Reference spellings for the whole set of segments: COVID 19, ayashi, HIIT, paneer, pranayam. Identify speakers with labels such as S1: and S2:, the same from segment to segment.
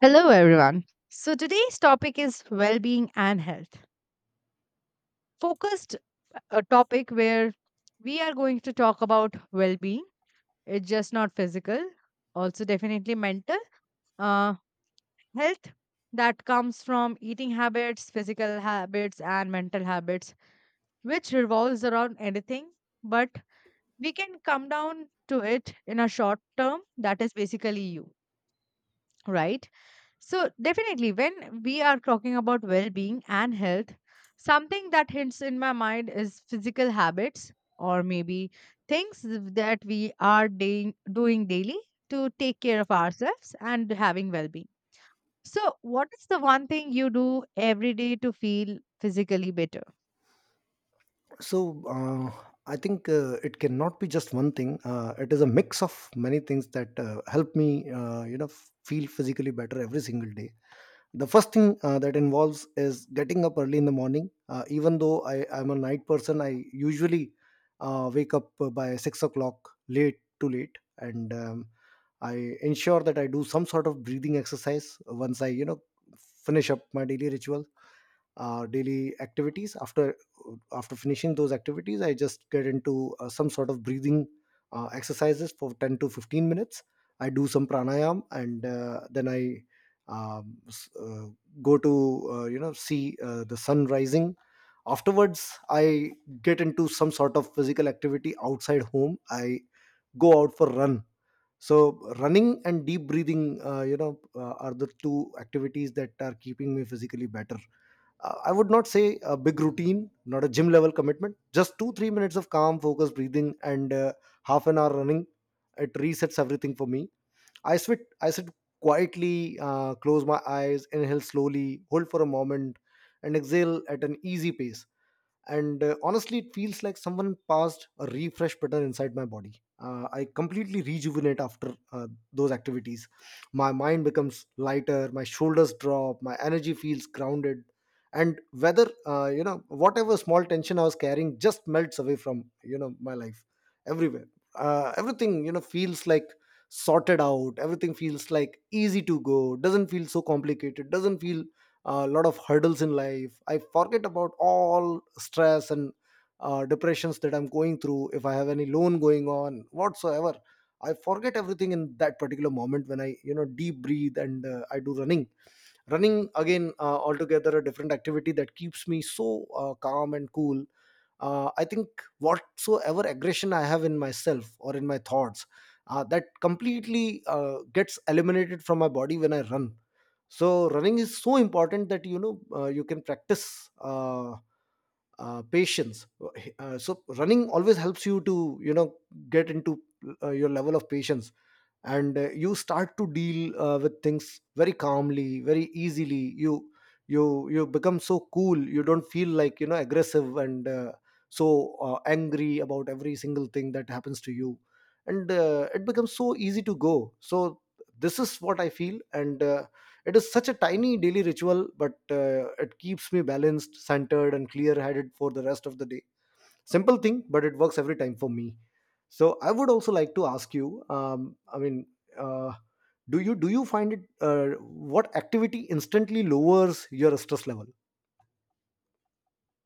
S1: Hello, everyone. So, today's topic is well being and health. Focused a topic where we are going to talk about well being. It's just not physical, also, definitely mental. Uh, Health that comes from eating habits, physical habits, and mental habits, which revolves around anything, but we can come down to it in a short term that is basically you, right? So, definitely, when we are talking about well being and health, something that hints in my mind is physical habits or maybe things that we are doing daily to take care of ourselves and having well being. So, what is the one thing you do every day to feel physically better?
S2: So I think it cannot be just one thing. It is a mix of many things that help me, feel physically better every single day. The first thing that involves is getting up early in the morning. Even though I am a night person, I usually wake up by 6 o'clock, late to late, and I ensure that I do some sort of breathing exercise once I, finish up my daily rituals, daily activities. After finishing those activities, I just get into some sort of breathing exercises for 10 to 15 minutes. I do some pranayam, and then I um, s- uh, go to, see the sun rising. Afterwards, I get into some sort of physical activity outside home. I go out for run. So running and deep breathing, are the two activities that are keeping me physically better. I would not say a big routine, not a gym level commitment, just 2, 3 minutes of calm, focused breathing, and half an hour running. It resets everything for me. I sit quietly, close my eyes, inhale slowly, hold for a moment, and exhale at an easy pace. And honestly, it feels like someone passed a refresh button inside my body. I completely rejuvenate after those activities. My mind becomes lighter, my shoulders drop, my energy feels grounded. And whether, whatever small tension I was carrying, just melts away from, my life, everywhere. Everything, feels like sorted out. Everything feels like easy to go. Doesn't feel so complicated. Doesn't feel a lot of hurdles in life. I forget about all stress and depressions that I'm going through. If I have any loan going on whatsoever, I forget everything in that particular moment when I, deep breathe, and I do running. Running again, altogether a different activity that keeps me so calm and cool. I think whatsoever aggression I have in myself or in my thoughts, that completely gets eliminated from my body when I run. So running is so important that, you can practice patience. So running always helps you to, get into your level of patience. And you start to deal with things very calmly, very easily. You become so cool. You don't feel like, aggressive and so angry about every single thing that happens to you. And it becomes so easy to go. So this is what I feel. And it is such a tiny daily ritual, but it keeps me balanced, centered, and clear headed for the rest of the day. Simple thing, but it works every time for me. So I would also like to ask you, uh, do you find it, what activity instantly lowers your stress level?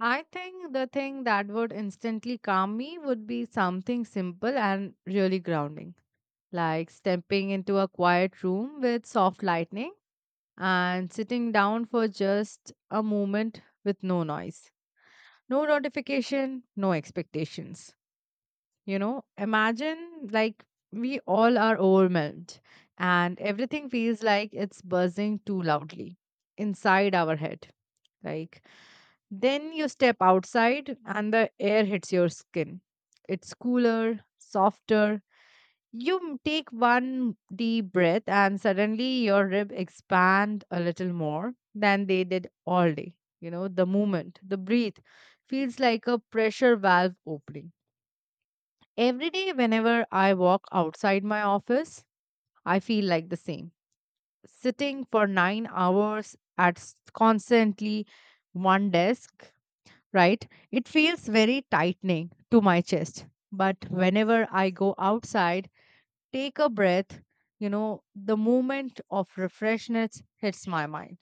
S1: I think the thing that would instantly calm me would be something simple and really grounding, like stepping into a quiet room with soft lighting and sitting down for just a moment with no noise, no notification, no expectations. You know, imagine, like, we all are overwhelmed and everything feels like it's buzzing too loudly inside our head. Like, then you step outside and the air hits your skin. It's cooler, softer, you take one deep breath, and suddenly your rib expand a little more than they did all day. You know, the movement, the breathe feels like a pressure valve opening. Every day, whenever I walk outside my office, I feel like the same. Sitting for 9 hours at constantly one desk, right? It feels very tightening to my chest. But whenever I go outside, take a breath, you know, the moment of refreshness hits my mind.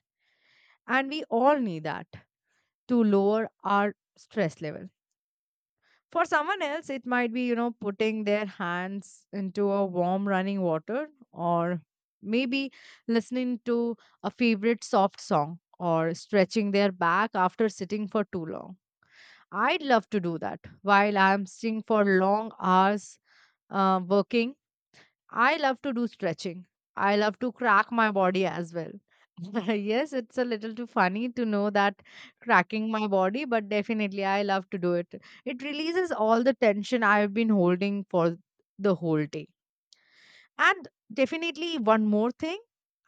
S1: And we all need that to lower our stress level. For someone else, it might be, you know, putting their hands into a warm running water, or maybe listening to a favorite soft song, or stretching their back after sitting for too long. I'd love to do that while I'm sitting for long hours working. I love to do stretching. I love to crack my body as well. Yes, it's a little too funny to know that cracking my body, but definitely I love to do it. It releases all the tension I've been holding for the whole day. And definitely one more thing,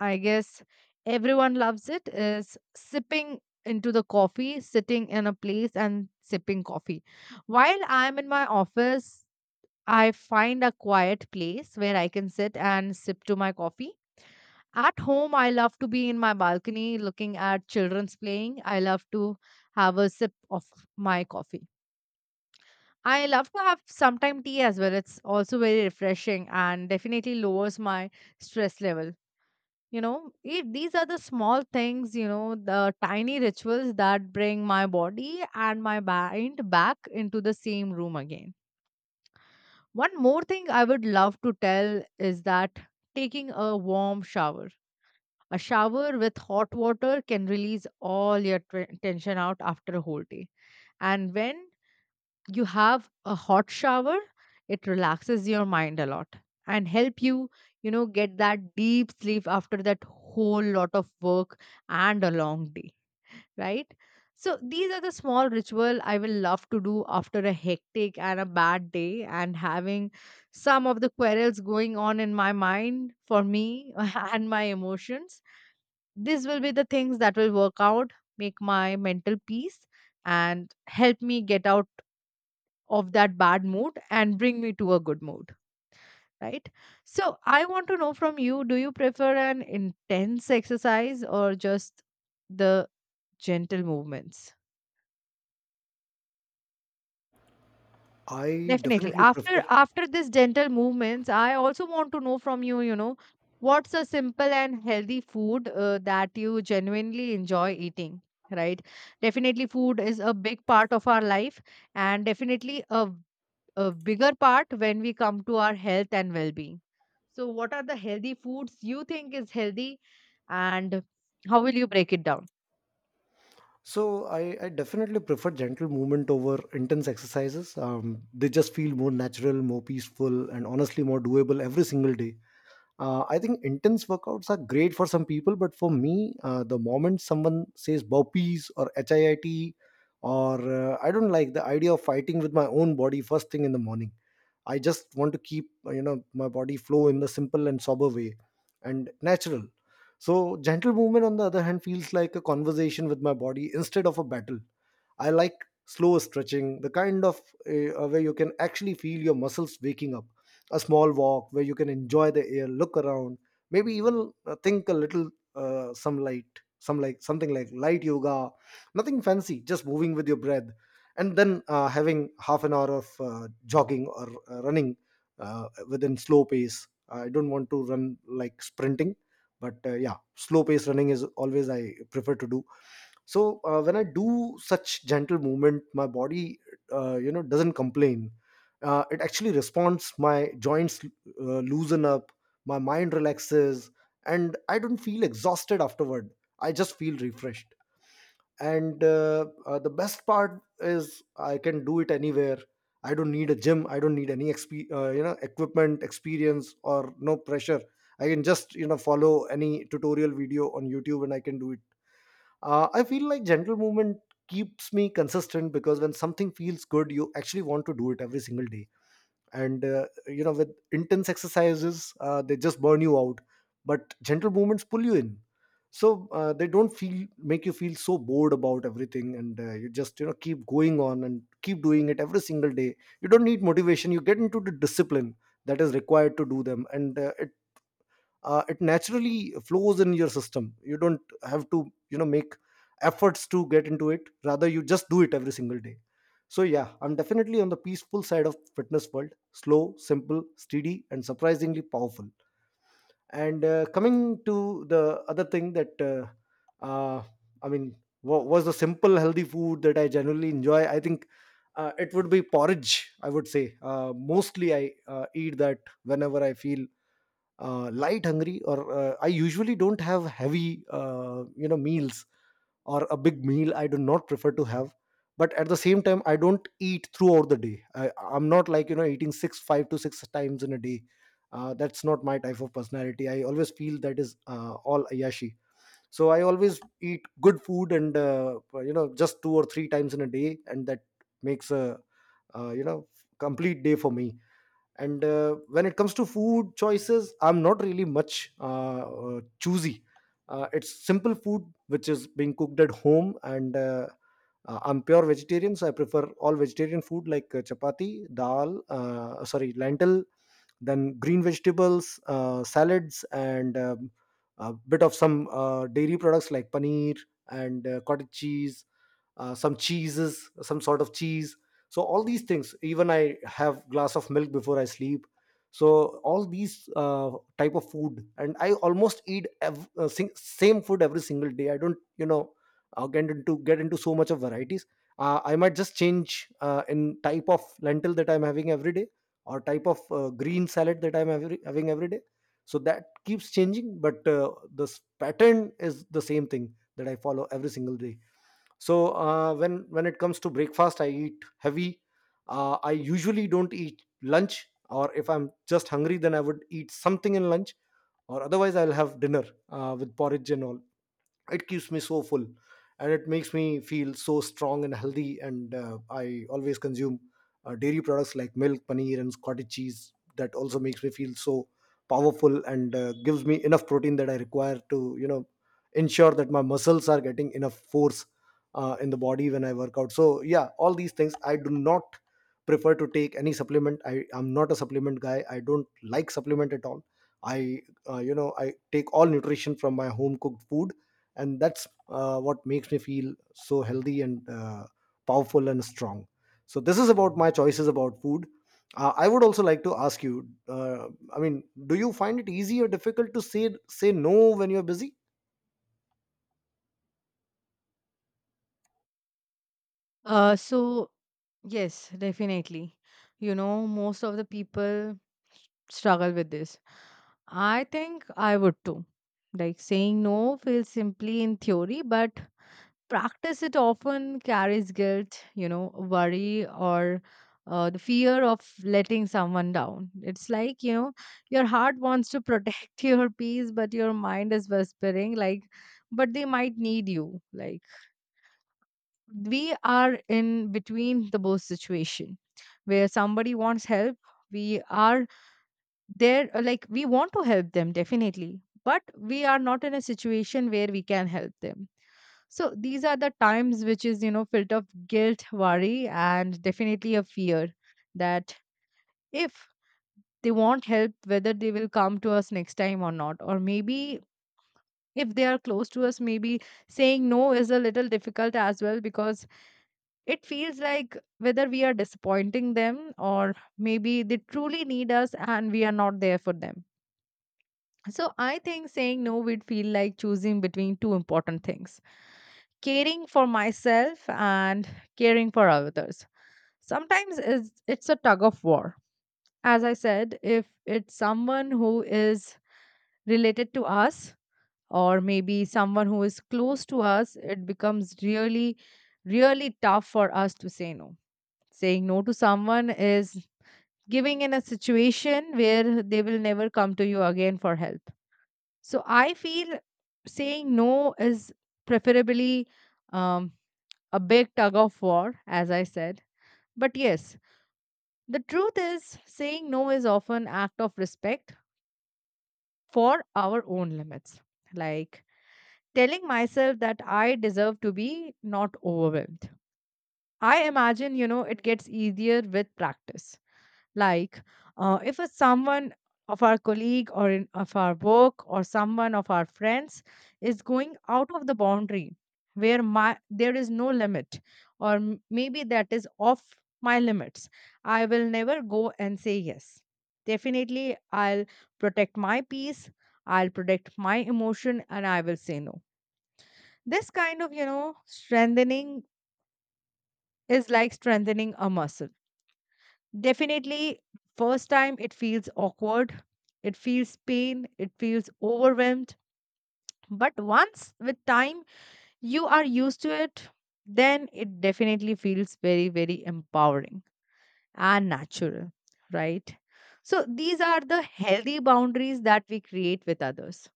S1: I guess everyone loves it, is sipping into the coffee, sitting in a place and sipping coffee. While I'm in my office, I find a quiet place where I can sit and sip to my coffee. At home, I love to be in my balcony looking at children's playing. I love to have a sip of my coffee. I love to have sometime tea as well. It's also very refreshing and definitely lowers my stress level. You know, it, these are the small things, you know, the tiny rituals that bring my body and my mind back into the same room again. One more thing I would love to tell is that taking a warm shower, a shower with hot water, can release all your tension out after a whole day. And when you have a hot shower, it relaxes your mind a lot and help you, you know, get that deep sleep after that whole lot of work and a long day, right? So these are the small ritual I will love to do after a hectic and a bad day, and having some of the quarrels going on in my mind for me and my emotions. These will be the things that will work out, make my mental peace and help me get out of that bad mood and bring me to a good mood, right? So I want to know from you, do you prefer an intense exercise or just the gentle movements?
S2: I
S1: Definitely.
S2: definitely prefer.
S1: After this gentle movements, I also want to know from you, you know, what's a simple and healthy food that you genuinely enjoy eating, right? Definitely food is a big part of our life and definitely a bigger part when we come to our health and well-being. So what are the healthy foods you think is healthy and how will you break it down?
S2: So I definitely prefer gentle movement over intense exercises. They just feel more natural, more peaceful, and honestly more doable every single day. I think intense workouts are great for some people, but for me, the moment someone says burpees or hiit, or I don't like the idea of fighting with my own body first thing in the morning. I just want to keep, my body flow in the simple and sober way, and natural. So gentle movement, on the other hand, feels like a conversation with my body instead of a battle. I like slow stretching, the kind of where you can actually feel your muscles waking up. A small walk where you can enjoy the air, look around, maybe even think a little. Some light, something like light yoga, nothing fancy, just moving with your breath, and then having half an hour of jogging or running within slow pace. I don't want to run like sprinting, but yeah, slow pace running is always I prefer to do. So when I do such gentle movement, my body, doesn't complain. It actually responds. My joints loosen up, my mind relaxes, and I don't feel exhausted afterward. I just feel refreshed. And the best part is I can do it anywhere. I don't need a gym. I don't need any equipment, experience, or no pressure. I can just, follow any tutorial video on YouTube, and I can do it. I feel like gentle movement keeps me consistent, because when something feels good, you actually want to do it every single day. And, with intense exercises, they just burn you out. But gentle movements pull you in. So they don't feel make you feel so bored about everything. And you just, keep going on and keep doing it every single day. You don't need motivation. You get into the discipline that is required to do them. And it naturally flows in your system. You don't have to, make efforts to get into it. Rather, you just do it every single day. So yeah, I'm definitely on the peaceful side of fitness world: slow, simple, steady, and surprisingly powerful. And coming to the other thing that uh, i mean was the simple healthy food that I generally enjoy. I think it would be porridge, I would say. Mostly I eat that whenever I feel light hungry, or I usually don't have heavy, meals, or a big meal I do not prefer to have. But at the same time, I don't eat throughout the day. I'm not like, eating 6 5 to six times in a day. That's not my type of personality. I always feel that is all ayashi. So I always eat good food, and, just 2 or 3 times in a day, and that makes a, uh, you know complete day for me. And when it comes to food choices, I'm not really much choosy. It's simple food which is being cooked at home. And I'm pure vegetarian, so I prefer all vegetarian food like chapati, dal, sorry, lentil. Then green vegetables, salads, and a bit of some dairy products like paneer and cottage cheese, some cheeses, some sort of cheese. So all these things. Even I have glass of milk before I sleep. So all these type of food. And I almost eat same food every single day. I don't, get into so much of varieties. I might just change in type of lentil that I'm having every day, or type of green salad that I'm having every day. So that keeps changing, but this pattern is the same thing that I follow every single day. So when it comes to breakfast, I eat heavy. I usually don't eat lunch, or if I'm just hungry, then I would eat something in lunch, or otherwise I'll have dinner with porridge and all. It keeps me so full, and it makes me feel so strong and healthy. And I always consume dairy products like milk, paneer, and cottage cheese. That also makes me feel so powerful, and gives me enough protein that I require to, ensure that my muscles are getting enough force in the body when I work out. So yeah, all these things. I do not prefer to take any supplement. I am not a supplement guy. I don't like supplement at all. I uh, you know i take all nutrition from my home cooked food. And that's what makes me feel so healthy and powerful and strong. So this is about my choices about food. I would also like to ask you, do you find it easy or difficult to say no when you're busy?
S1: So yes, definitely. You know, most of the people struggle with this. I think I would too. Like, saying no feels simply in theory, but practice it often carries guilt, you know, worry, or the fear of letting someone down. It's like, you know, your heart wants to protect your peace, but your mind is whispering, like, but they might need you. Like, we are in between the both situation where somebody wants help. We are there, like we want to help them definitely, but we are not in a situation where we can help them. So these are the times which is, you know, filled of guilt, worry, and definitely a fear that if they want help, whether they will come to us next time or not, or maybe if they are close to us, maybe saying no is a little difficult as well, because it feels like whether we are disappointing them, or maybe they truly need us and we are not there for them. So I think saying no would feel like choosing between two important things, caring for myself and caring for others. Sometimes it's a tug of war. As I said, if it's someone who is related to us or maybe someone who is close to us, it becomes really, really tough for us to say no. Saying no to someone is giving in a situation where they will never come to you again for help. So I feel saying no is preferably um, a big tug of war, as I said. But yes, the truth is saying no is often act of respect for our own limits, like telling myself that I deserve to be not overwhelmed. I imagine, you know, it gets easier with practice. Like, if it's someone of our colleague or in, of our work, or someone of our friends is going out of the boundary where my there is no limit, or maybe that is off my limits, I will never go and say yes. Definitely, I'll protect my peace. I'll protect my emotion, and I will say no. This kind of, you know, strengthening is like strengthening a muscle. Definitely, first time it feels awkward, it feels pain, it feels overwhelmed. But once with time you are used to it, then it definitely feels very, very empowering and natural, right? So, these are the healthy boundaries that we create with others.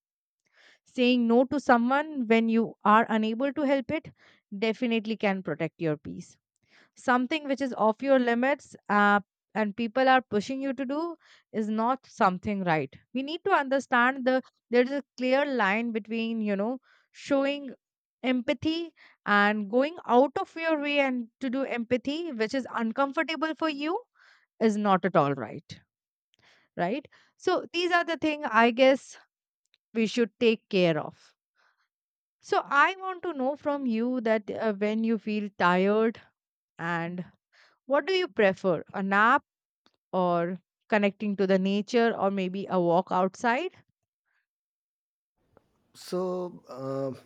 S1: Saying no to someone when you are unable to help it definitely can protect your peace. Something which is off your limits and people are pushing you to do is not something right. We need to understand the there is a clear line between, you know, showing empathy and going out of your way and to do empathy which is uncomfortable for you is not at all right, right? So these are the thing I guess we should take care of. So I want to know from you that, when you feel tired and what do you prefer, a nap or connecting to the nature or maybe a walk outside.
S2: So,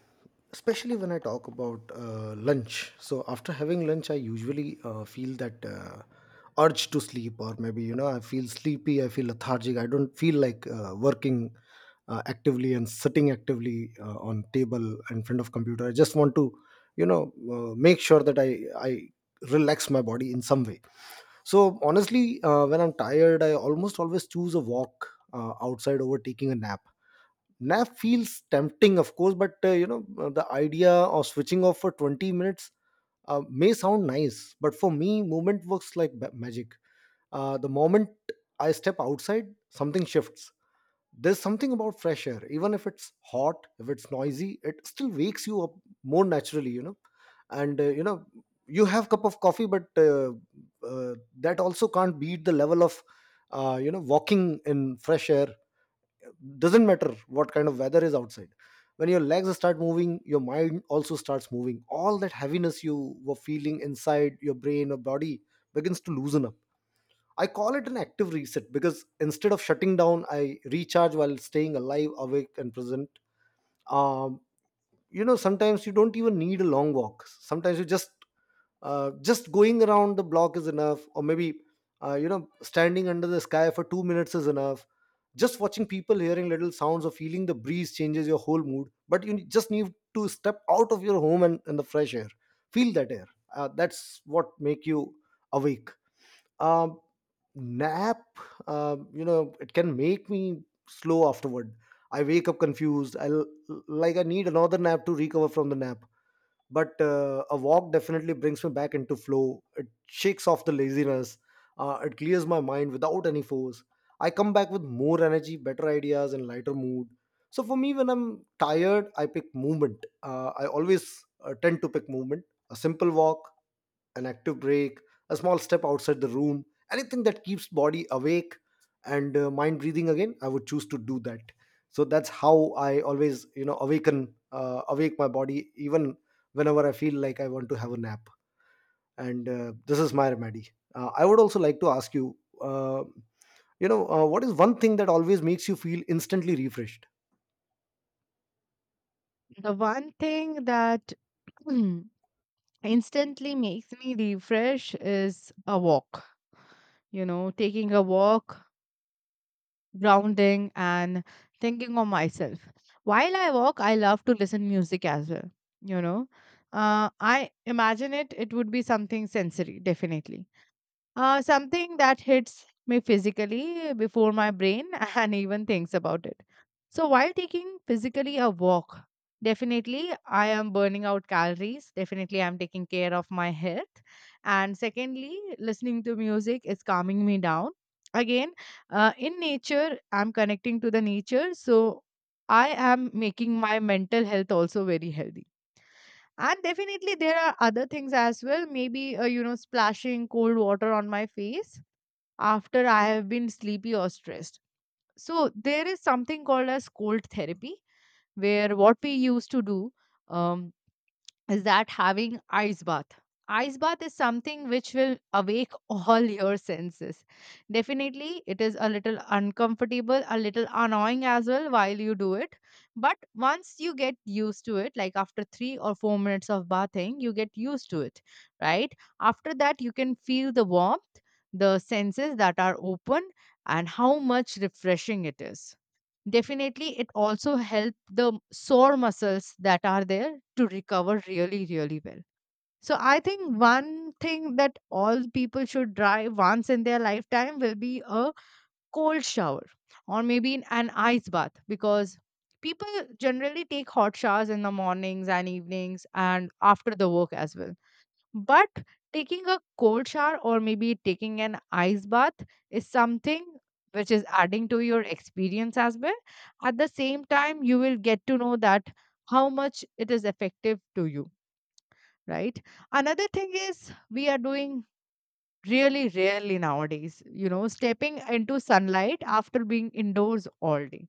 S2: especially when I talk about lunch, so after having lunch, I usually feel that urge to sleep, or maybe, I feel sleepy, I feel lethargic, I don't feel like working actively and sitting actively on table in front of computer. I just want to, make sure that I relax my body in some way. So honestly, when I'm tired, I almost always choose a walk outside over taking a nap. Nap feels tempting, of course, but the idea of switching off for 20 minutes may sound nice, but for me movement works like magic. The moment I step outside, something shifts. There's something about fresh air. Even if it's hot, if it's noisy, it still wakes you up more naturally, you know. And you have cup of coffee, but that also can't beat the level of walking in fresh air. Doesn't matter what kind of weather is outside. When your legs start moving, your mind also starts moving. All that heaviness you were feeling inside your brain or body begins to loosen up. I call it an active reset, because instead of shutting down, I recharge while staying alive, awake, and present. um, you know, sometimes you don't even need a long walk. Sometimes you just going around the block is enough, or maybe standing under the sky for 2 minutes is enough. Just watching people, hearing little sounds, or feeling the breeze changes your whole mood. But you just need to step out of your home and in the fresh air, feel that air. That's what make you awake. um, Nap. You know, it can make me slow afterward. I wake up confused. Like I need another nap to recover from the nap. But a walk definitely brings me back into flow. It shakes off the laziness. It clears my mind without any force. I come back with more energy, better ideas, and lighter mood. So for me, when I'm tired, I pick movement. I always tend to pick movement. A simple walk, an active break, a small step outside the room, anything that keeps body awake and mind breathing again, I would choose to do that. So that's how I always, you know, awaken, awake my body even whenever I feel like I want to have a nap. And this is my remedy. I would also like to ask you. What is one thing that always makes you feel instantly refreshed?
S1: The one thing that instantly makes me refresh is a walk, you know, taking a walk, grounding and thinking of myself. While I walk, I love to listen music as well, you know. I imagine it would be something sensory, definitely. Something that hits me physically before my brain and even thinks about it. So while taking physically a walk, definitely I am burning out calories. Definitely I'm taking care of my health. And secondly, listening to music is calming me down. Again, in nature, I'm connecting to the nature. So I am making my mental health also very healthy. And definitely there are other things as well. Maybe, you know, splashing cold water on my face after I have been sleepy or stressed. So there is something called as cold therapy, where what we used to do um, is that having ice bath. Ice bath is something which will awake all your senses. Definitely, it is a little uncomfortable, a little annoying as well while you do it. But once you get used to it, like after 3 or 4 minutes of bathing, you get used to it, right? After that, you can feel the warmth, the senses that are open, and how much refreshing it is. Definitely, it also helps the sore muscles that are there to recover really, really well. So, I think one thing that all people should try once in their lifetime will be a cold shower or maybe in an ice bath, because people generally take hot showers in the mornings and evenings and after the work as well. But taking a cold shower or maybe taking an ice bath is something which is adding to your experience as well. At the same time, you will get to know that how much it is effective to you, right? Another thing is we are doing really rarely nowadays, you know, stepping into sunlight after being indoors all day.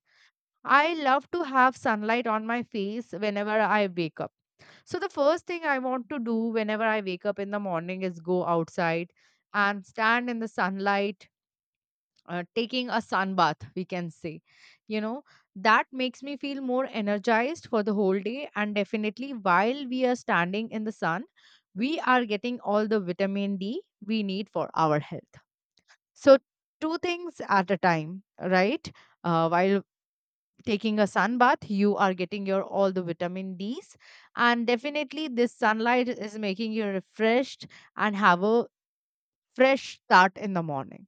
S1: I love to have sunlight on my face whenever I wake up, so the first thing I want to do whenever I wake up in the morning is go outside and stand in the sunlight, taking a sun bath, we can say. You know, that makes me feel more energized for the whole day. And definitely, while we are standing in the sun, we are getting all the vitamin D we need for our health. So, two things at a time, right? While taking a sun bath, you are getting your all the vitamin d's, and definitely this sunlight is making you refreshed and have a fresh start in the morning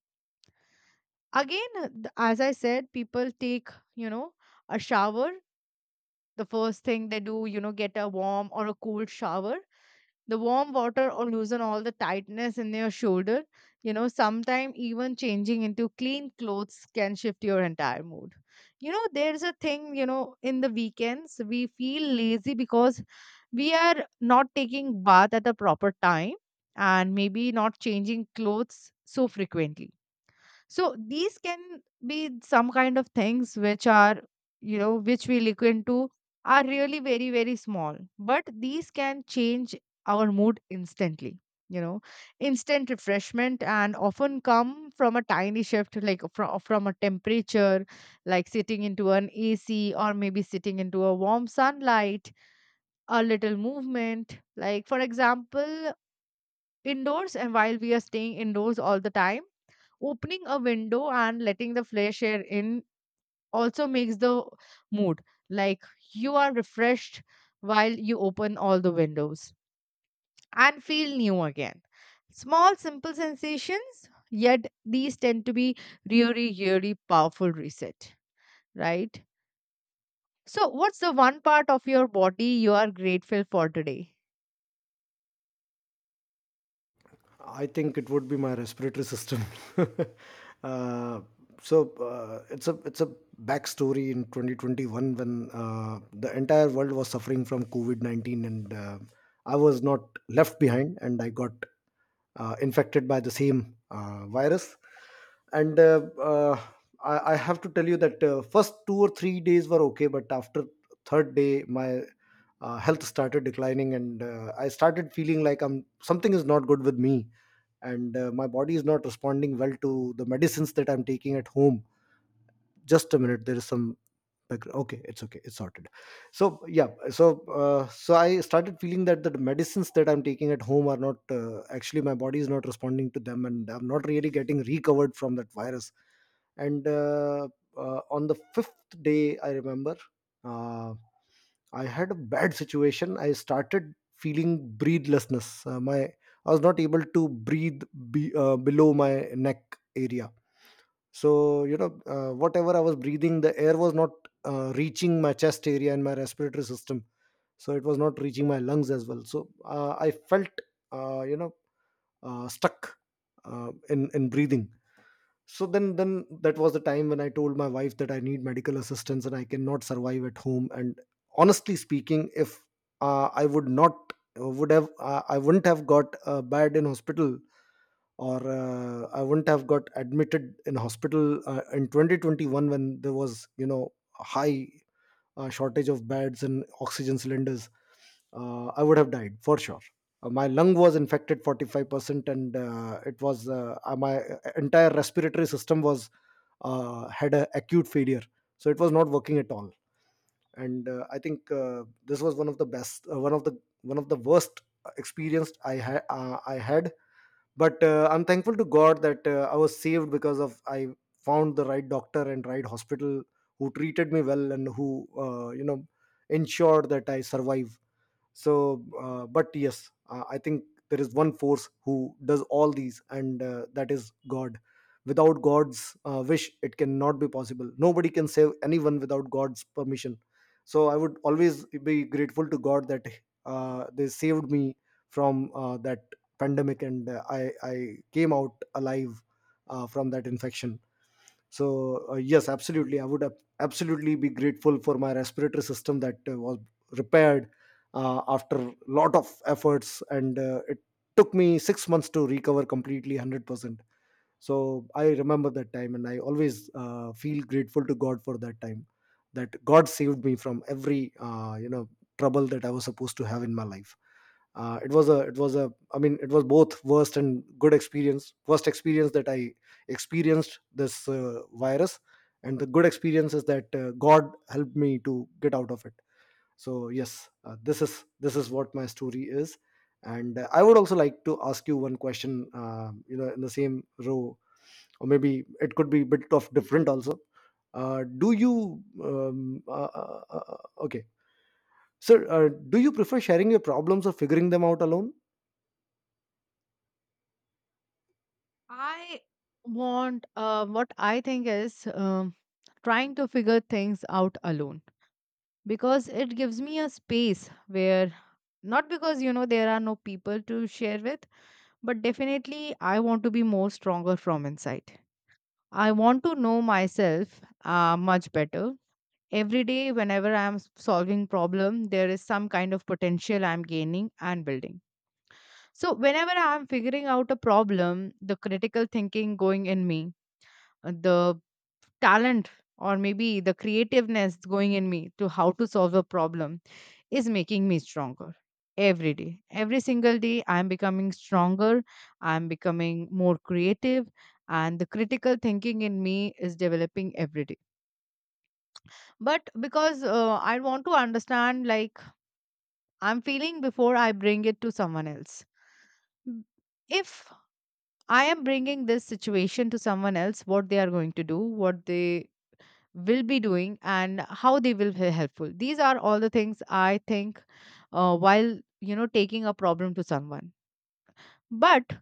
S1: again. As I said, people take, you know, a shower. The first thing they do, you know, get a warm or a cool shower. The warm water or loosen all the tightness in your shoulder. You know, sometime even changing into clean clothes can shift your entire mood. You know, there's a thing, you know, in the weekends we feel lazy because we are not taking bath at the proper time, and maybe not changing clothes so frequently. So these can be some kind of things which are, you know, which we look into, are really very, very small, but these can change our mood instantly. You know, instant refreshment and often come from a tiny shift, like from a temperature, like sitting into an AC or maybe sitting into a warm sunlight, a little movement. Like, for example, indoors, and while we are staying indoors all the time, opening a window and letting the fresh air in also makes the mood, like, you are refreshed while you open all the windows and feel new again. Small, simple sensations, yet these tend to be really, really powerful reset, right? So, what's the one part of your body you are grateful for today?
S2: I think it would be my respiratory system. uh, so, it's a backstory. In 2021, when the entire world was suffering from COVID 19, and I was not left behind, and I got infected by the same virus. And I have to tell you that first 2 or 3 days were okay, but after third day, my health started declining, and I started feeling like I'm something is not good with me, and my body is not responding well to the medicines that I'm taking at home. Just a minute, there is some background. Okay, it's okay, it's sorted. So yeah, so I started feeling that the medicines that I'm taking at home are not actually, my body is not responding to them, and I'm not really getting recovered from that virus. And on the fifth day, I remember uh, I had a bad situation. I started feeling breathlessness. My I was not able to breathe below my neck area. So, you know, whatever I was breathing, the air was not reaching my chest area and my respiratory system, so it was not reaching my lungs as well. So I felt uh, you know stuck in breathing. So then that was the time when I told my wife that I need medical assistance and I cannot survive at home. And honestly speaking, if uh, i would not I wouldn't have got a bed in hospital, or I wouldn't have got admitted in hospital in 2021, when there was, you know, a high shortage of beds and oxygen cylinders, I would have died for sure. My lung was infected 45%, and it was my entire respiratory system was, had an acute failure, so it was not working at all. And I think this was one of the best, one of the worst experience I had. But I'm thankful to God that I was saved, because of I found the right doctor and right hospital who treated me well and who uh, you know ensured that I survive. So but yes, I think there is one force who does all these, and that is God. Without God's wish it cannot be possible. Nobody can save anyone without God's permission. So I would always be grateful to God that they saved me from that pandemic, and I came out alive from that infection. So yes, absolutely. I would absolutely be grateful for my respiratory system that was repaired after lot of efforts. And it took me 6 months to recover completely, 100%. So I remember that time, and I always feel grateful to God for that time. That God saved me from every trouble that I was supposed to have in my life. It was a, I mean, it was both worst and good experience. Worst experience that I experienced this virus, and the good experience is that God helped me to get out of it. So yes, this is what my story is. And I would also like to ask you one question. In the same row, or maybe it could be a bit of different also. Do you sir, do you prefer sharing your problems or figuring them out alone?
S1: I want what I think is, trying to figure things out alone, because it gives me a space where, not because you know there are no people to share with, but definitely I want to be more stronger from inside. I want to know myself much better. Every day whenever I am solving problem, there is some kind of potential I am gaining and building. So whenever I am figuring out a problem, the critical thinking going in me, the talent or maybe the creativeness going in me to how to solve a problem is making me stronger. Every day, every single day, I'm becoming stronger, I'm becoming more creative, and the critical thinking in me is developing every day. But because I want to understand, like, I'm feeling before I bring it to someone else. M- if I am bringing this situation to someone else, what they are going to do, what they will be doing, and how they will be helpful, these are all the things I think while, you know, taking a problem to someone. But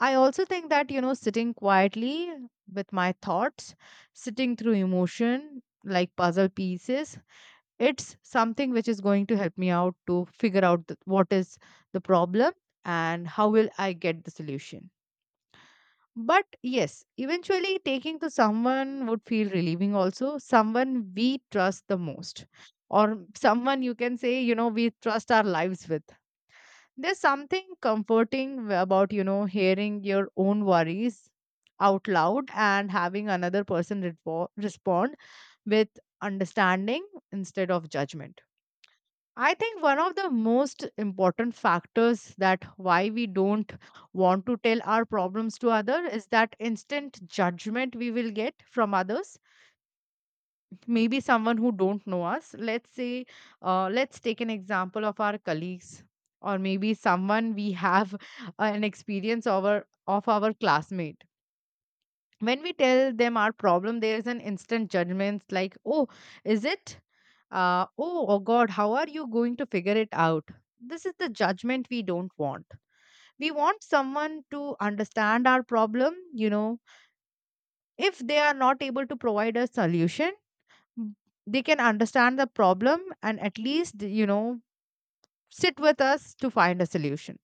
S1: I also think that, you know, sitting quietly with my thoughts, sitting through emotion like puzzle pieces, it's something which is going to help me out to figure out what is the problem and how will I get the solution. But yes, eventually taking to someone would feel relieving also, someone we trust the most, or someone you can say, you know, we trust our lives with. There's something comforting about, you know, hearing your own worries out loud and having another person respond with understanding instead of judgment. I think one of the most important factors that why we don't want to tell our problems to others is that instant judgment we will get from others. Maybe someone who don't know us. Let's say, let's take an example of our colleagues, or maybe someone we have an experience over of our classmate. When we tell them our problem, there is an instant judgment like, oh, is it, oh, oh god, how are you going to figure it out? This is the judgment we don't want. We want someone to understand our problem, you know. If they are not able to provide a solution, m- they can understand the problem and at least, you know, sit with us to find a solution.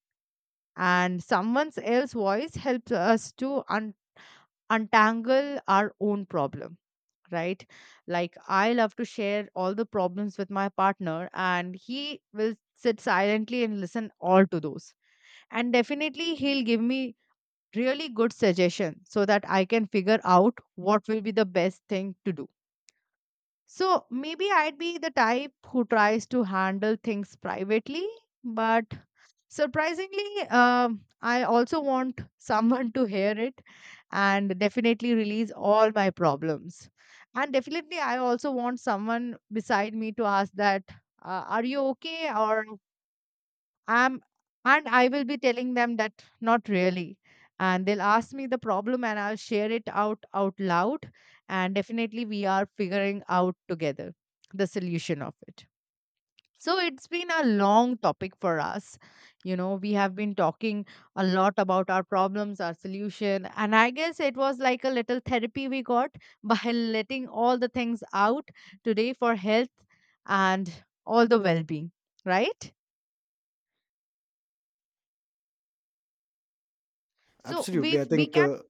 S1: And someone else's voice helps us to untangle our own problem, right? Like, I love to share all the problems with my partner and he will sit silently and listen all to those. And definitely he'll give me really good suggestion so that I can figure out what will be the best thing to do. So maybe I'd be the type who tries to handle things privately, but surprisingly, I also want someone to hear it and definitely release all my problems. And definitely, I also want someone beside me to ask that, "Are you okay?" or "I'm," and I will be telling them that not really. And they'll ask me the problem, and I'll share it out out loud. And definitely, we are figuring out together the solution of it. So it's been a long topic for us. You know, we have been talking a lot about our problems, our solution, and I guess it was like a little therapy we got by letting all the things out today for health and all the well-being, right? So we
S2: Absolutely. I
S1: we
S2: think
S1: can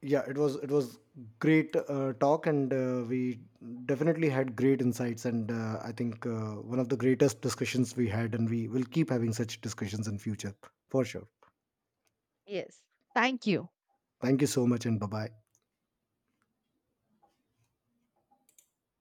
S2: yeah, it was, great talk, and we definitely had great insights. And I think one of the greatest discussions we had, and we will keep having such discussions in future, for sure.
S1: yes. Thank you.
S2: Thank you so much, and bye bye.